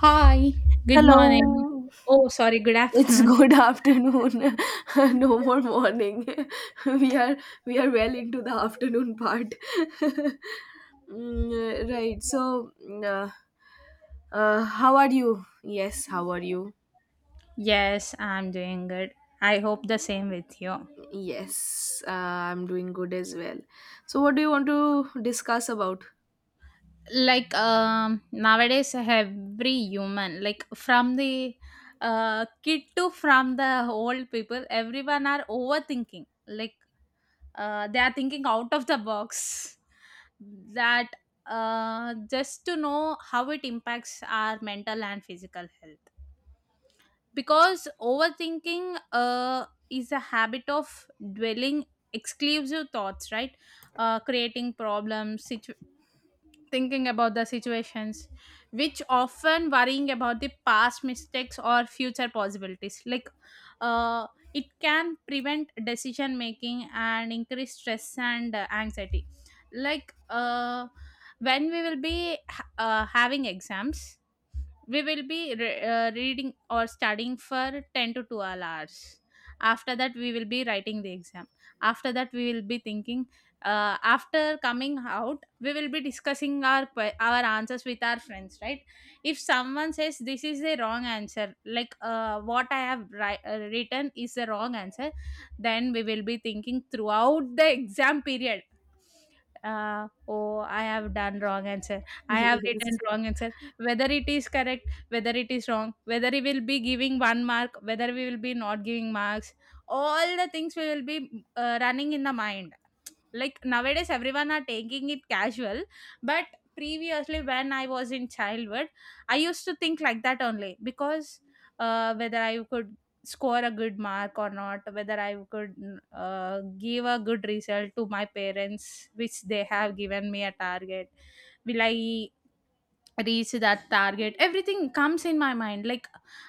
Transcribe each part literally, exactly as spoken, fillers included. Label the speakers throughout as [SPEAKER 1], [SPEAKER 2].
[SPEAKER 1] Hi, good morning.
[SPEAKER 2] Hello.
[SPEAKER 1] Oh, sorry, good
[SPEAKER 2] It's
[SPEAKER 1] afternoon.
[SPEAKER 2] good afternoon. no more morning. we are we are well into the afternoon part. Mm, right. So, uh, uh, how are you? Yes. How are you?
[SPEAKER 1] Yes, I'm doing good. I hope the same with you.
[SPEAKER 2] Yes. Uh, I'm doing good as well. So, what do you want to discuss about?
[SPEAKER 1] Like um nowadays every human like from the uh kid to from the old people everyone are overthinking. Like uh they are thinking out of the box that uh just to know how it impacts our mental and physical health. Because overthinking uh, is a habit of dwelling exclusive thoughts, right? uh, creating problems situ- Thinking about the situations, which often worrying about the past mistakes or future possibilities. Like uh, it can prevent decision making and increase stress and uh, anxiety. Like uh, when we will be ha- uh, having exams, we will be re- uh, reading or studying for ten to twelve hours. After that we will be writing the exam. After that we will be thinking, uh, after coming out we will be discussing our que- our answers with our friends, right? If someone says this is the wrong answer, like uh, what i have ri- uh, written is the wrong answer, then we will be thinking throughout the exam period, uh, oh, I have done wrong answer, I have written
[SPEAKER 2] Yes.
[SPEAKER 1] wrong answer, whether it is correct, whether it is wrong, whether we will be giving one mark, whether we will be not giving marks, all the things we will be uh, running in the mind. Like nowadays everyone are taking it casual, but previously when I was in childhood, I used to think like that only, because uh, whether I could score a good mark or not, whether I could uh, give a good result to my parents, which they have given me a target. Will I reach that target? Everything comes in my mind. Like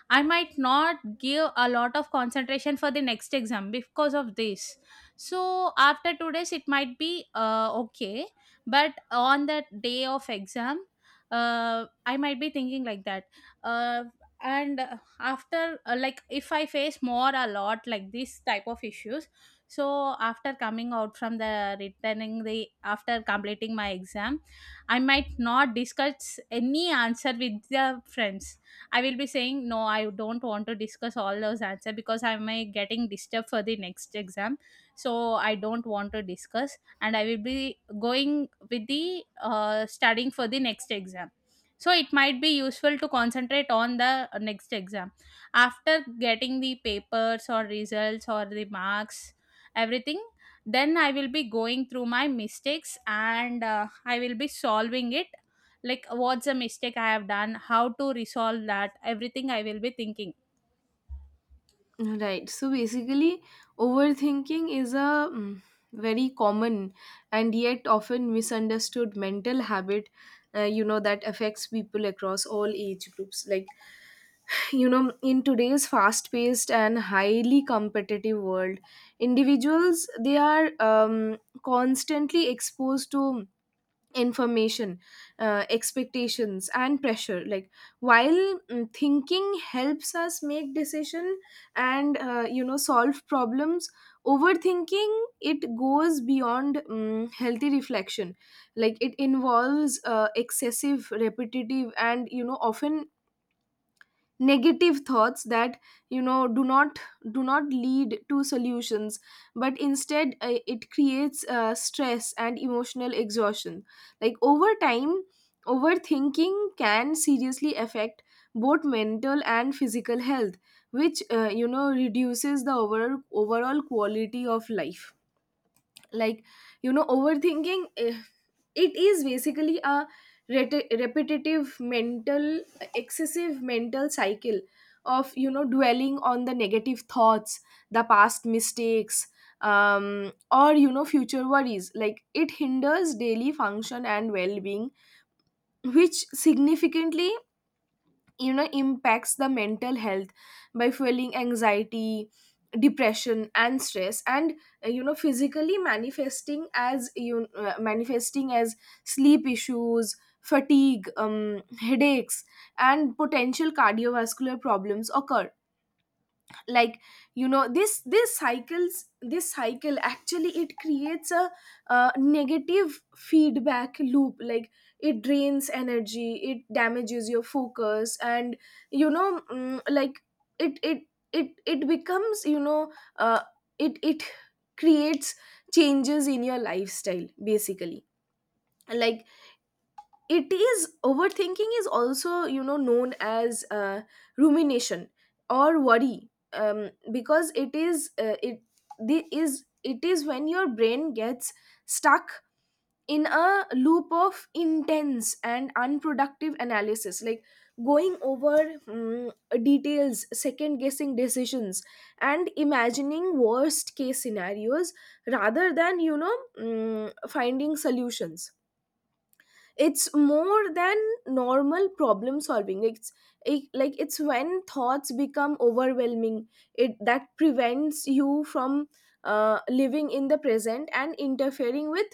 [SPEAKER 1] I might not give a lot of concentration for the next exam because of this. So after two days it might be uh, okay, but on that day of exam, uh, I might be thinking like that. uh, and uh, after uh, like if I face more a lot like this type of issues, so after coming out from the returning the after completing my exam, I might not discuss any answer with the friends. I will be saying, no, I don't want to discuss all those answers because I may getting disturbed for the next exam. So I don't want to discuss and I will be going with the uh, studying for the next exam. So it might be useful to concentrate on the next exam. After getting the papers or results or the marks, everything, then I will be going through my mistakes and uh, I will be solving it. Like what's a mistake I have done, how to resolve that, everything I will be thinking.
[SPEAKER 2] Right. So basically, overthinking is a mm, very common and yet often misunderstood mental habit, uh, you know, that affects people across all age groups. Like, you know, in today's fast paced and highly competitive world, individuals, they are um, constantly exposed to information, uh, expectations and pressure. Like, while mm, thinking helps us make decision and uh, you know solve problems, overthinking, it goes beyond mm healthy reflection. Like, it involves uh, excessive, repetitive and you know often negative thoughts that you know do not do not lead to solutions, but instead, uh, it creates uh, stress and emotional exhaustion. Like, over time, overthinking can seriously affect both mental and physical health, which uh, you know reduces the overall overall quality of life. Like, you know overthinking, eh, it is basically a reti- repetitive mental, excessive mental cycle of you know dwelling on the negative thoughts, the past mistakes, um, or you know future worries. Like, it hinders daily function and well-being, which significantly, you know impacts the mental health by fueling anxiety, depression and stress, and uh, you know physically manifesting as you uh, manifesting as sleep issues, fatigue, um, headaches and potential cardiovascular problems occur. Like, you know this this cycles this cycle actually, it creates a uh, negative feedback loop. Like, it drains energy, it damages your focus, and you know mm, like it it it it becomes, you know uh, it it creates changes in your lifestyle basically. Like, it is, overthinking is also you know known as uh, rumination or worry, um, because it is, uh, it the is it is when your brain gets stuck in a loop of intense and unproductive analysis. Like, going over mm, details, second guessing decisions and imagining worst case scenarios rather than you know mm, finding solutions. It's more than normal problem solving. It's, it, like it's when thoughts become overwhelming, it that prevents you from uh, living in the present and interfering with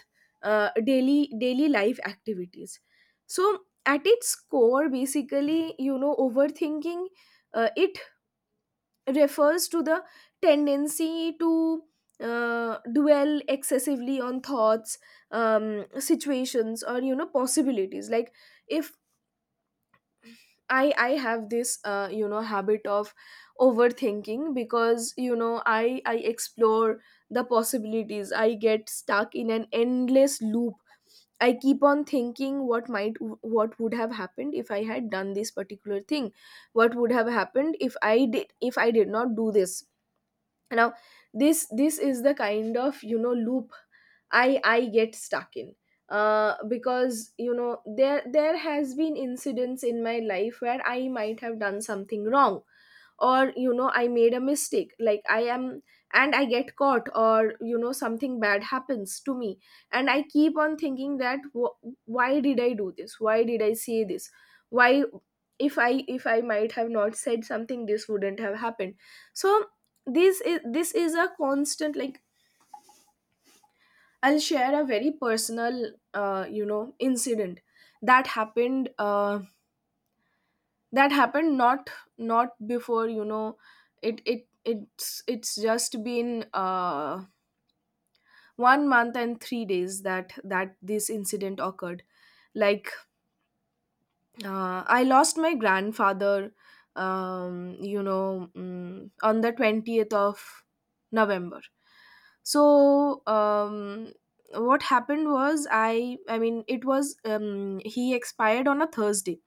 [SPEAKER 2] uh, daily daily life activities. So at its core basically, you know overthinking, uh, it refers to the tendency to uh, dwell excessively on thoughts, um, situations or you know possibilities. Like, if i i have this uh, you know habit of overthinking, because you know i i explore the possibilities, I get stuck in an endless loop. I keep on thinking what might, what would have happened if I had done this particular thing, what would have happened if I did, if I did not do this. Now, this this is the kind of you know loop i i get stuck in, uh, because you know there there has been incidents in my life where I might have done something wrong, or you know I made a mistake. Like, I am, and I get caught, or you know something bad happens to me, and I keep on thinking that wh- why did I do this, why did I say this, why, if i if i might have not said something, this wouldn't have happened. So this is this is a constant. Like, I'll share a very personal uh, you know incident that happened, uh, that happened not, not before, you know it it it's it's just been uh, one month and three days that that this incident occurred. Like, Uh, I lost my grandfather, um, you know, mm, on the twentieth of November. So, um, what happened was, I, I mean, it was, um, he expired on a Thursday.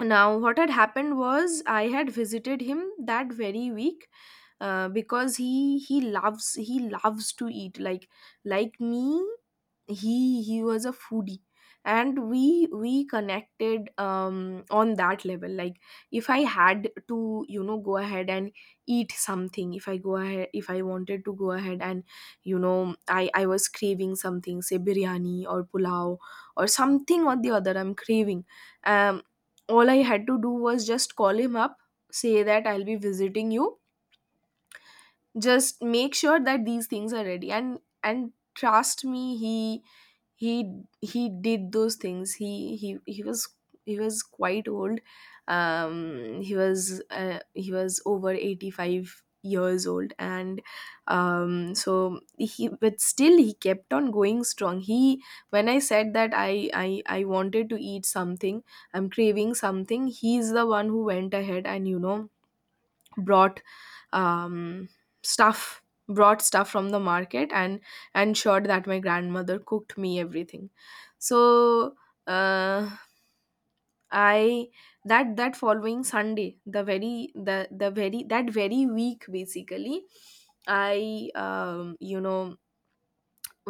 [SPEAKER 2] Now, what had happened was, I had visited him that very week. Uh, because he he loves he loves to eat, like like me. He he was a foodie, and we we connected um on that level. Like, if I had to, you know go ahead and eat something, if I go ahead, if I wanted to go ahead and, you know i i was craving something, say biryani or pulao or something or the other I'm craving. um all I had to do was just call him up, say that I'll be visiting you, just make sure that these things are ready, and and trust me, he he he did those things he he he was, he was quite old. Um he was uh, he was over eighty-five years old, and um so he, but still, he kept on going strong. He When i said that i i i wanted to eat something, I'm craving something, he's the one who went ahead and, you know brought um, stuff brought stuff from the market and ensured that my grandmother cooked me everything. So, uh, I, that that following Sunday, the very the the very that very week basically, I, um, you know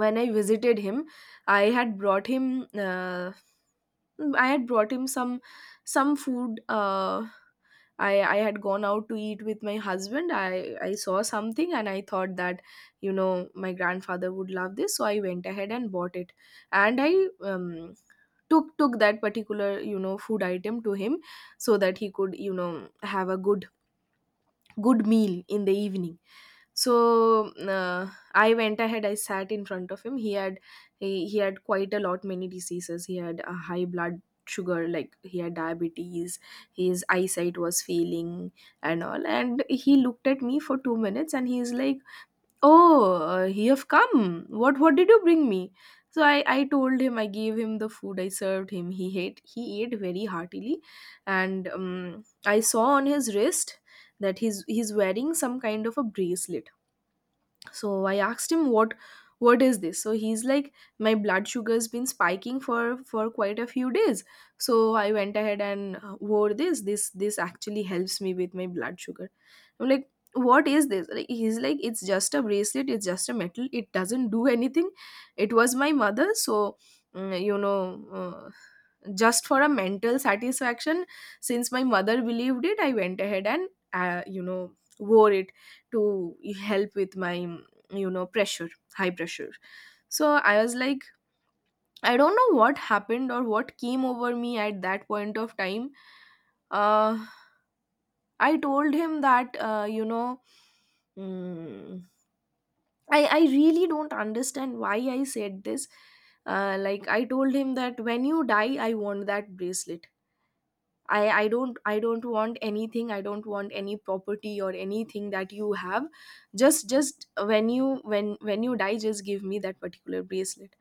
[SPEAKER 2] when I visited him, I had brought him, uh, I had brought him some some food. uh, I, I had gone out to eat with my husband. I, I saw something and I thought that, you know, my grandfather would love this. So I went ahead and bought it. And I, um, took, took that particular, you know, food item to him so that he could, you know, have a good, good meal in the evening. So, uh, I went ahead, I sat in front of him. He had, he, he had quite a lot many diseases. He had a high blood sugar, like, he had diabetes, his eyesight was failing and all. And he looked at me for two minutes, and he's like, oh, uh, you have come, what what did you bring me? So i i told him, I gave him the food, I served him. He ate he ate very heartily, and um, I saw on his wrist that he's he's wearing some kind of a bracelet. So I asked him, what what is this? So he's like, my blood sugar's been spiking for for quite a few days, so I went ahead and, uh, wore this. This this actually helps me with my blood sugar. I'm like, what is this, like, he's like, it's just a bracelet, it's just a metal, it doesn't do anything. It was my mother. So, mm, you know uh, just for a mental satisfaction, since my mother believed it, I went ahead and, uh, you know wore it to help with my, you know pressure, high pressure. So I was like, I don't know what happened or what came over me at that point of time. uh I told him that, uh, you know mm, i i really don't understand why I said this. Uh, like, I told him that when you die, I want that bracelet. I i don't i don't want anything, I don't want any property or anything that you have. just just when you, when when you die, just give me that particular bracelet.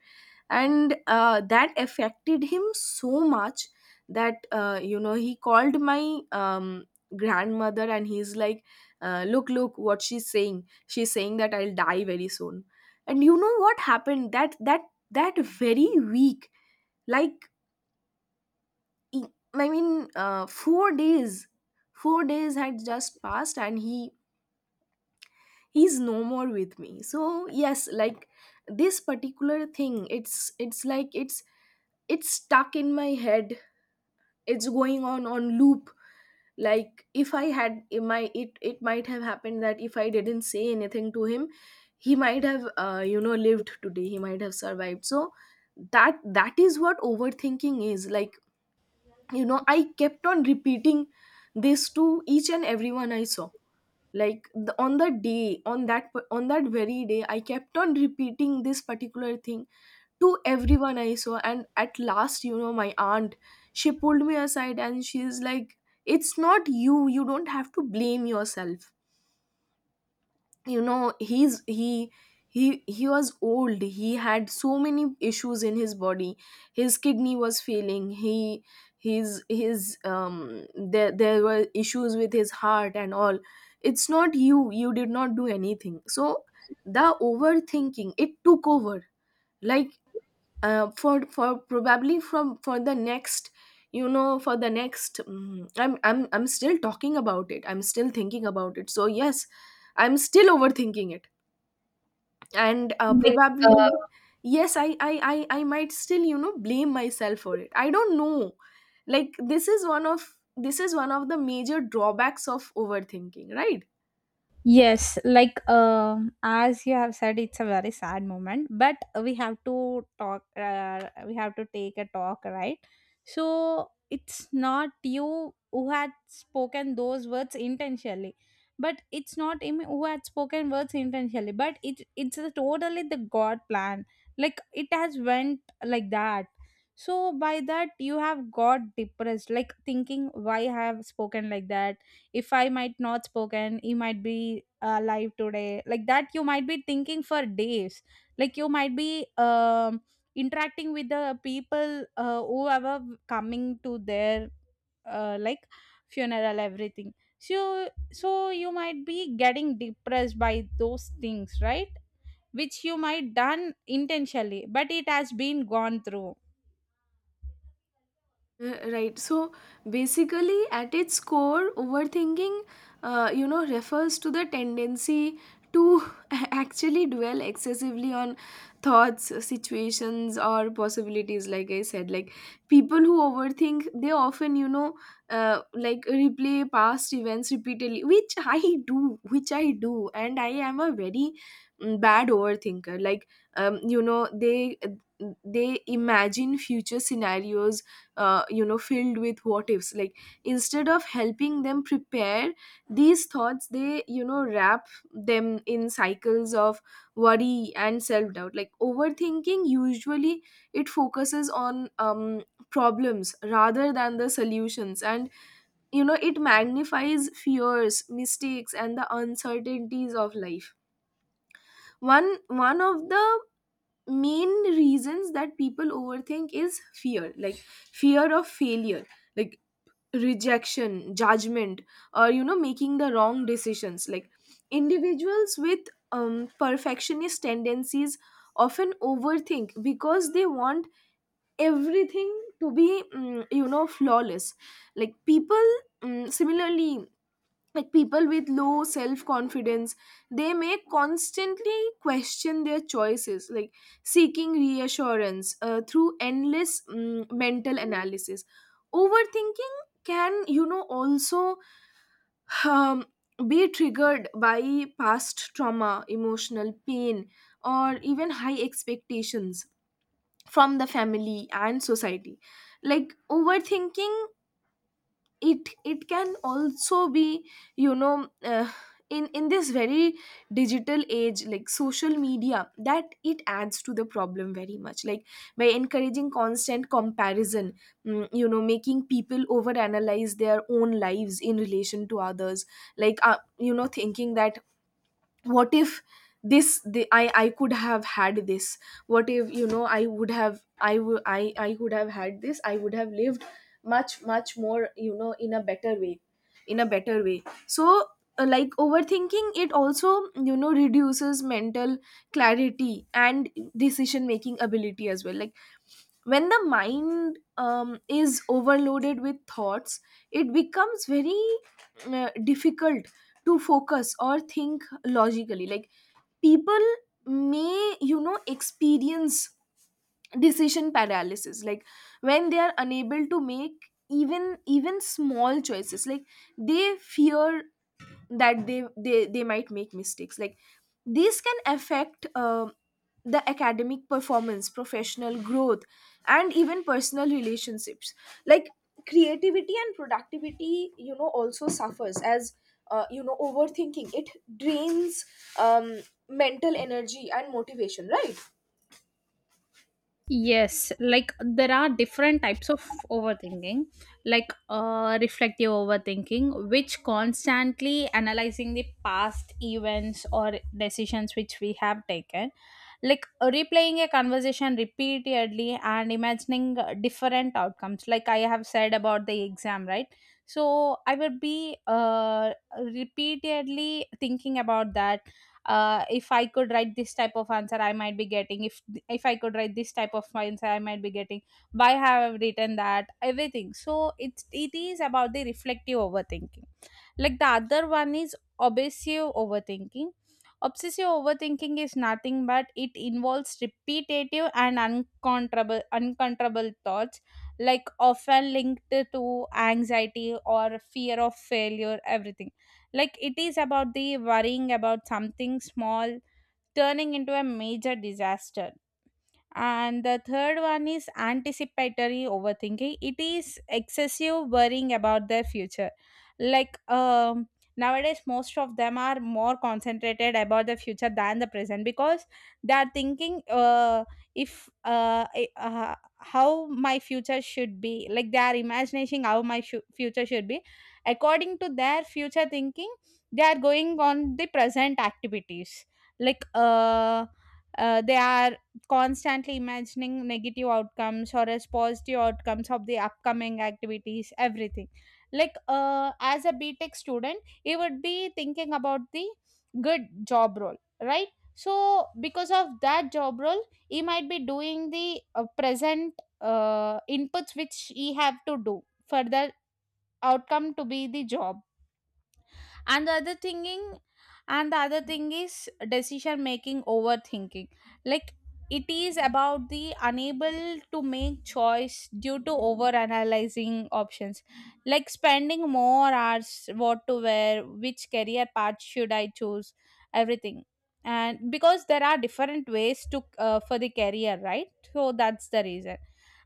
[SPEAKER 2] And uh, that affected him so much that, uh, you know he called my, um, grandmother, and he's like, uh, look, look what she's saying. She's saying that I'll die very soon. And you know what happened? That that that very week, like, e- I mean, uh, four days four days had just passed, and he, he's no more with me. So yes, like, this particular thing, it's it's like, it's it's stuck in my head, it's going on on loop. Like, if I had, it might, it, it might have happened that if I didn't say anything to him, he might have, uh, you know lived today, he might have survived. So that that is what overthinking is, like, you know I kept on repeating this to each and everyone I saw. Like, the, on the day, on that p- on that very day, I kept on repeating this particular thing to everyone I saw. And at last, you know my aunt, she pulled me aside, and she's like, it's not you, you don't have to blame yourself. You know he's he he he was old, he had so many issues in his body, his kidney was failing, he his, his um there there were issues with his heart and all. It's not you, you did not do anything. So the overthinking, it took over. Like, uh, for for probably from, for the next, you know for the next, mm, I'm, i'm i'm still talking about it, I'm still thinking about it. So yes, I'm still overthinking it. And uh,
[SPEAKER 1] Like, uh,
[SPEAKER 2] probably yes, I, I i i might still, you know blame myself for it. I don't know. Like, this is one of, this is one of the major drawbacks of overthinking, right?
[SPEAKER 1] yes, like um, as you have said, it's a very sad moment, but we have to talk, uh, we have to take a talk, right? So it's not you who had spoken those words intentionally, but it's not him who had spoken words intentionally, but it it's a totally the God plan. Like it has went like that. So by that you have got depressed, like thinking why I have spoken like that. If I might not spoken, he might be uh, alive today, like that you might be thinking for days. Like you might be um interacting with the people, uh, whoever coming to their uh, like funeral, everything. So so you might be getting depressed by those things, right? Which you might done intentionally, but it has been gone through.
[SPEAKER 2] Uh, Right. So basically, at its core, overthinking, uh, you know, refers to the tendency to actually dwell excessively on thoughts, situations, or possibilities. Like I said, like people who overthink, they often, you know, uh, like replay past events repeatedly, which I do, which I do, and I am a very mm, bad overthinker. Like, um, you know, they they imagine future scenarios uh, you know filled with what ifs, like instead of helping them prepare these thoughts, they, you know wrap them in cycles of worry and self doubt. Like overthinking usually, it focuses on um problems rather than the solutions, and you know it magnifies fears, mistakes and the uncertainties of life. One one of the main reasons that people overthink is fear, like fear of failure, like rejection, judgment, or you know making the wrong decisions. Like individuals with um, perfectionist tendencies often overthink because they want everything to be, mm, you know flawless. Like people, mm, similarly, like people with low self confidence, they may constantly question their choices, like seeking reassurance uh, through endless mm, mental analysis. Overthinking can, you know also um, be triggered by past trauma, emotional pain, or even high expectations from the family and society. Like overthinking, it it can also be, you know uh, in in this very digital age, like social media that it adds to the problem very much, like by encouraging constant comparison, mm, you know making people overanalyze their own lives in relation to others, like, uh, you know thinking that what if this the, I I could have had this. What if, you know, I would have I would I I could have had this, I would have lived much much more, you know in a better way, in a better way. So uh, like overthinking, it also, you know reduces mental clarity and decision making ability as well. Like when the mind um, is overloaded with thoughts, it becomes very uh, difficult to focus or think logically. Like people may, you know experience decision paralysis, like when they are unable to make even even small choices, like they fear that they they, they might make mistakes. Like these can affect uh, the academic performance, professional growth, and even personal relationships. Like creativity and productivity, you know also suffers as, uh, you know overthinking, it drains, um, mental energy and motivation, right?
[SPEAKER 1] Yes, like there are different types of overthinking, like uh, reflective overthinking, which constantly analyzing the past events or decisions which we have taken, like replaying a conversation repeatedly and imagining uh, different outcomes. Like I have said about the exam, right? So I would be uh, repeatedly thinking about that. Uh, if I could write this type of answer I might be getting, if if I could write this type of answer I might be getting, why have I written that, everything. So it's it is about the reflective overthinking. Like the other one is obsessive overthinking. Obsessive overthinking is nothing but it involves repetitive and uncontrollable uncontrollable thoughts, like often linked to anxiety or fear of failure, everything. Like it is about the worrying about something small turning into a major disaster. And the third one is anticipatory overthinking. It is excessive worrying about their future. Like um, nowadays, most of them are more concentrated about the future than the present because they are thinking, uh, if uh, I- uh, how my future should be. Like they are imagining how my fu- future should be. According to their future thinking, they are going on the present activities. Like uh, uh, they are constantly imagining negative outcomes or as positive outcomes of the upcoming activities, everything. Like uh, as a btech student, he would be thinking about the good job role, right? So because of that job role, he might be doing the uh, present uh, inputs which he have to do for the outcome to be the job. And the other thinking, and the other thing is decision making overthinking. Like it is about the unable to make choice due to over analyzing options, like spending more hours what to wear, which career path should I choose, everything. And because there are different ways to uh, for the career, right? So that's the reason.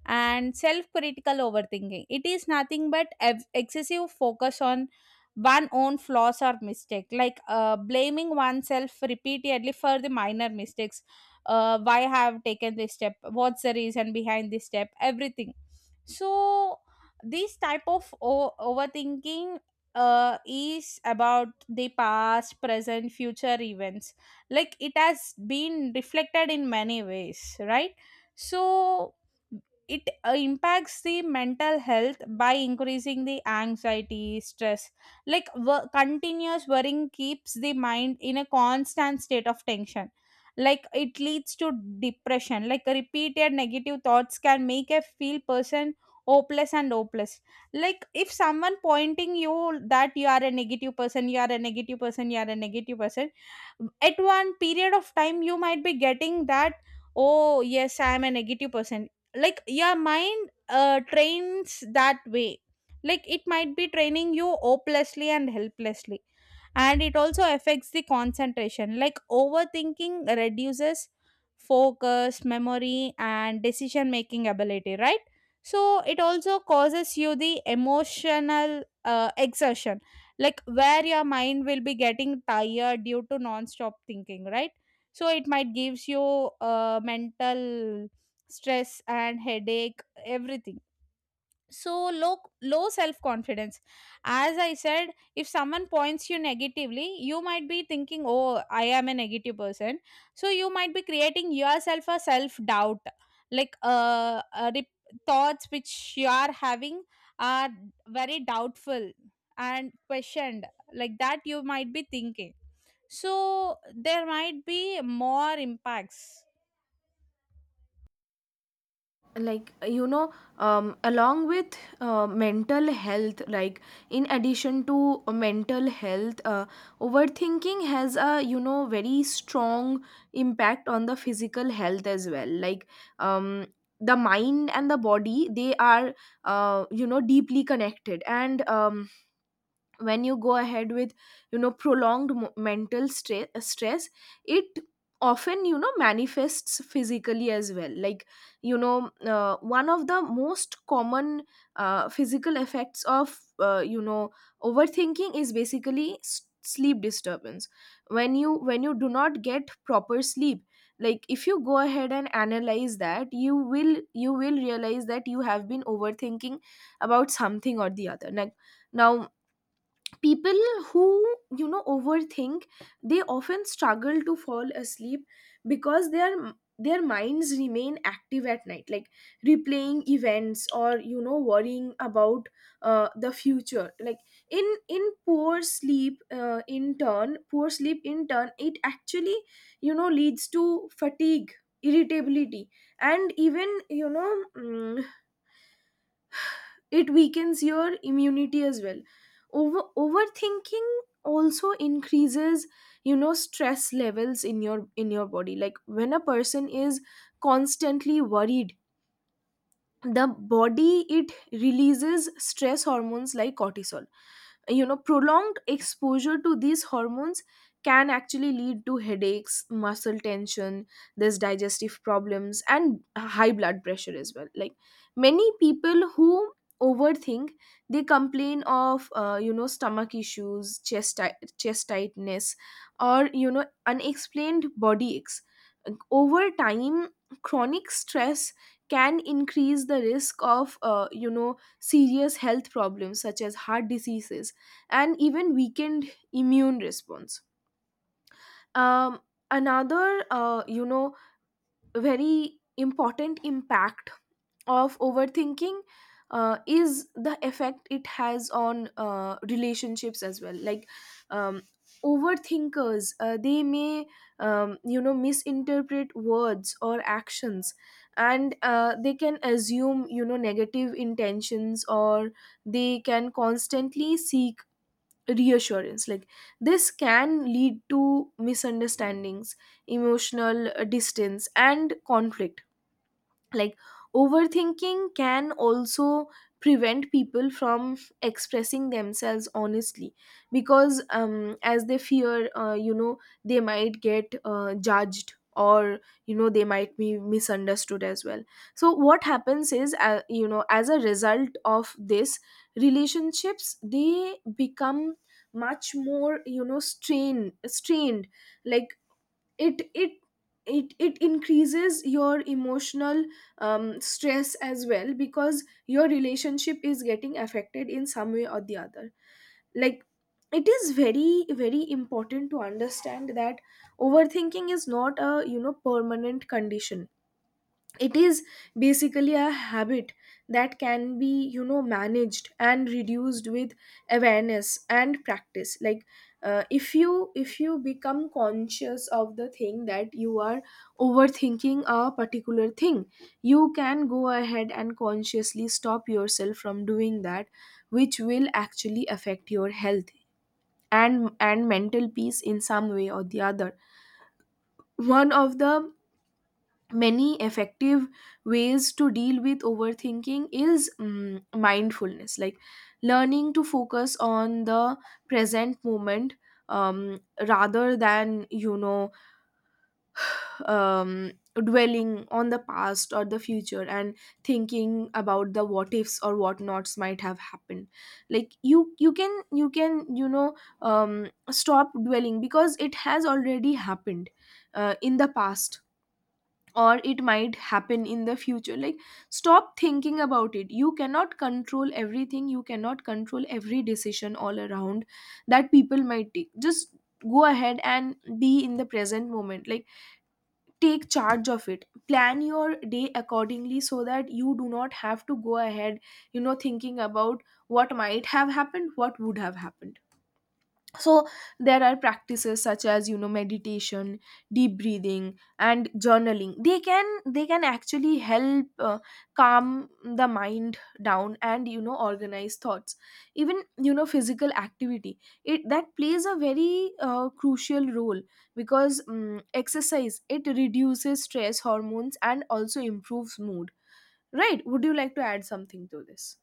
[SPEAKER 1] And self critical overthinking, it is nothing but ev- excessive focus on one own flaws or mistake, like uh, blaming oneself repeatedly for the minor mistakes, uh, why I have taken this step, what's the reason behind this step, everything. So this type of o- overthinking uh, is about the past present future events. Like it has been reflected in many ways, right? So it uh, impacts the mental health by increasing the anxiety stress. Like wo- continuous worrying keeps the mind in a constant state of tension. Like it leads to depression, like repeated negative thoughts can make a feel person hopeless and hopeless. Like if someone pointing you that you are a negative person, you are a negative person, you are a negative person, at one period of time you might be getting that, oh yes, I am a negative person. Like your mind uh, trains that way. Like it might be training you hopelessly and helplessly. And it also affects the concentration. Like overthinking reduces focus, memory and decision making ability, right? So it also causes you the emotional uh, exertion, like where your mind will be getting tired due to non-stop thinking, right? So it might gives you uh, mental stress and headache, everything. So low, low self confidence. As I said, if someone points you negatively, you might be thinking, oh, I am a negative person. So you might be creating yourself a self doubt. Like uh, uh rep- thoughts which you are having are very doubtful and questioned, like that you might be thinking. So there might be more impacts.
[SPEAKER 2] Like, you know um, along with uh, mental health, like in addition to mental health, uh, overthinking has a, you know very strong impact on the physical health as well. Like, um, the mind and the body, they are, uh, you know deeply connected. And um, when you go ahead with, you know prolonged mo- mental stra- stress, it often, you know manifests physically as well. Like, you know uh, one of the most common uh, physical effects of, uh, you know overthinking is basically s- sleep disturbance. When you when you do not get proper sleep, like if you go ahead and analyze that, you will you will realize that you have been overthinking about something or the other. Like now, people who, you know overthink, they often struggle to fall asleep because their their minds remain active at night, like replaying events or, you know worrying about uh, the future. Like in in poor sleep uh, in turn poor sleep in turn, it actually, you know leads to fatigue, irritability, and even, you know mm, it weakens your immunity as well. Over overthinking also increases, you know stress levels in your in your body. Like when a person is constantly worried, the body, it releases stress hormones like cortisol. You know prolonged exposure to these hormones can actually lead to headaches, muscle tension, there's digestive problems and high blood pressure as well. Like many people who overthink, they complain of, uh, you know stomach issues, chest ti- chest tightness, or, you know unexplained body aches. Over time, chronic stress can increase the risk of, uh, you know serious health problems such as heart diseases and even weakened immune response. Um, Another, uh, you know, very important impact of overthinking uh, is the effect it has on uh, relationships as well. Like, um, overthinkers, uh, they may, um, you know, misinterpret words or actions, and uh, they can assume, you know negative intentions, or they can constantly seek reassurance. Like this can lead to misunderstandings, emotional uh, distance and conflict. Like overthinking can also prevent people from expressing themselves honestly, because um, as they fear, uh, you know they might get uh, judged, or, you know they might be misunderstood as well. So what happens is, uh, you know as a result of this, relationships, they become much more, you know strain strained. Like it it it it increases your emotional, um, stress as well, because your relationship is getting affected in some way or the other. Like it is very very important to understand that overthinking is not a, you know permanent condition. It is basically a habit that can be, you know managed and reduced with awareness and practice. Like uh, if you if you become conscious of the thing that you are overthinking a particular thing, you can go ahead and consciously stop yourself from doing that, which will actually affect your health and and mental peace in some way or the other. One of the many effective ways to deal with overthinking is, mm, mindfulness, like learning to focus on the present moment, um, rather than, you know um, dwelling on the past or the future and thinking about the what ifs or what nots might have happened. Like you you can you can, you know um, stop dwelling because it has already happened uh, in the past, or it might happen in the future. Like stop thinking about it. You cannot control everything, you cannot control every decision all around that people might take. Just go ahead and be in the present moment. Like take charge of it, plan your day accordingly, so that you do not have to go ahead, you know thinking about what might have happened, what would have happened. So there are practices such as, you know meditation, deep breathing and journaling. They can they can actually help uh, calm the mind down and, you know organize thoughts. Even, you know physical activity, it that plays a very uh, crucial role, because um, exercise, it reduces stress hormones and also improves mood, right? Would you like to add something to this?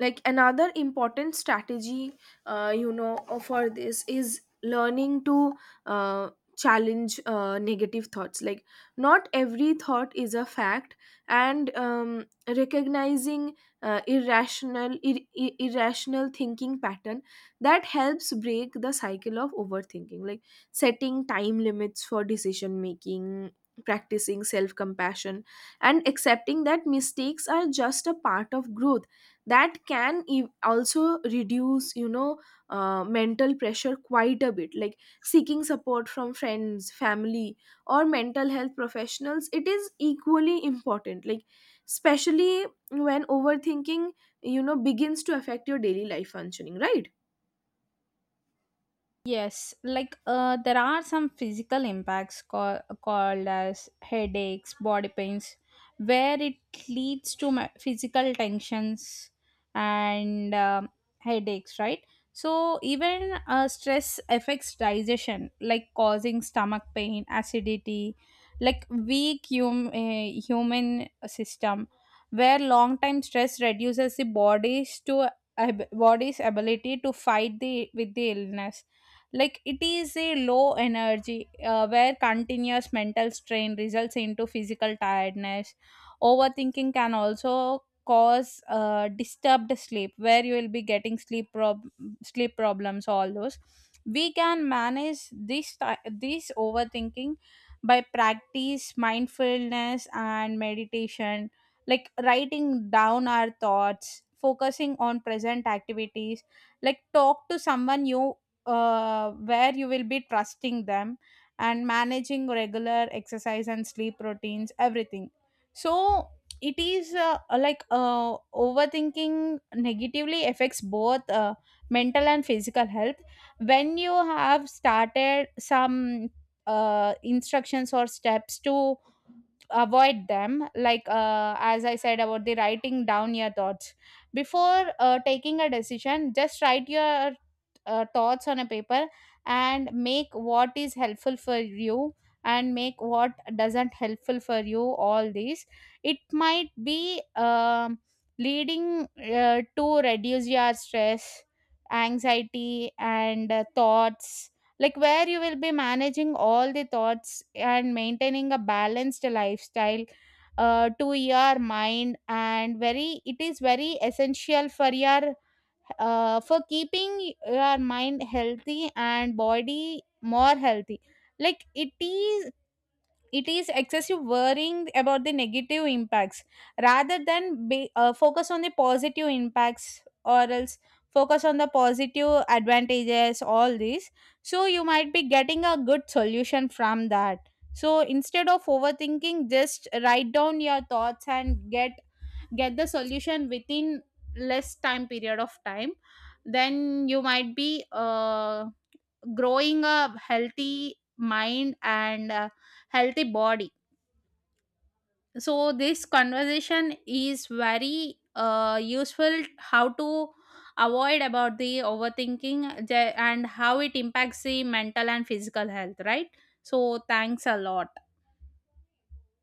[SPEAKER 2] Like another important strategy, uh, you know uh, for this is learning to uh, challenge uh, negative thoughts. Like not every thought is a fact. And um, recognizing uh, irrational ir- ir- irrational thinking pattern, that helps break the cycle of overthinking. Like setting time limits for decision making, practicing self compassion, and accepting that mistakes are just a part of growth, that can ev- also reduce, you know uh, mental pressure quite a bit. Like seeking support from friends, family, or mental health professionals, it is equally important, like especially when overthinking, you know begins to affect your daily life functioning, right?
[SPEAKER 1] Yes, like uh, there are some physical impacts call, called as headaches, body pains, where it leads to ma- physical tensions and um, headaches, right? So even uh, stress affects digestion, like causing stomach pain, acidity, like weak hum- uh, human system, where long time stress reduces the body's to ab- body's ability to fight the with the illness. Like it is a low energy, uh, where continuous mental strain results into physical tiredness. Overthinking can also cause uh, disturbed sleep, where you will be getting sleep prob- sleep problems, all those. We can manage this ti- this overthinking by practice mindfulness and meditation, like writing down our thoughts, focusing on present activities, like talk to someone you uh, where you will be trusting them, and managing regular exercise and sleep routines, everything. So it is uh, uh, like uh, overthinking negatively affects both uh, mental and physical health. When you have started some uh, instructions or steps to avoid them, like uh, as I said about the writing down your thoughts, before uh, taking a decision, just write your uh, thoughts on a paper, and make what is helpful for you, and make what doesn't helpful for you. All these, it might be um, leading uh, to reduce your stress, anxiety and uh, thoughts, like where you will be managing all the thoughts and maintaining a balanced lifestyle uh, to your mind, and very it is very essential for your uh, for keeping your mind healthy and body more healthy. Like it is, it is excessive worrying about the negative impacts rather than be, uh, focus on the positive impacts, or else focus on the positive advantages, all these. So you might be getting a good solution from that. So instead of overthinking, just write down your thoughts and get get the solution within less time period of time. Then you might be uh, growing a healthy mind and a healthy body. So this conversation is very uh, useful, how to avoid about the overthinking the- and how it impacts the mental and physical health, right? So thanks a lot.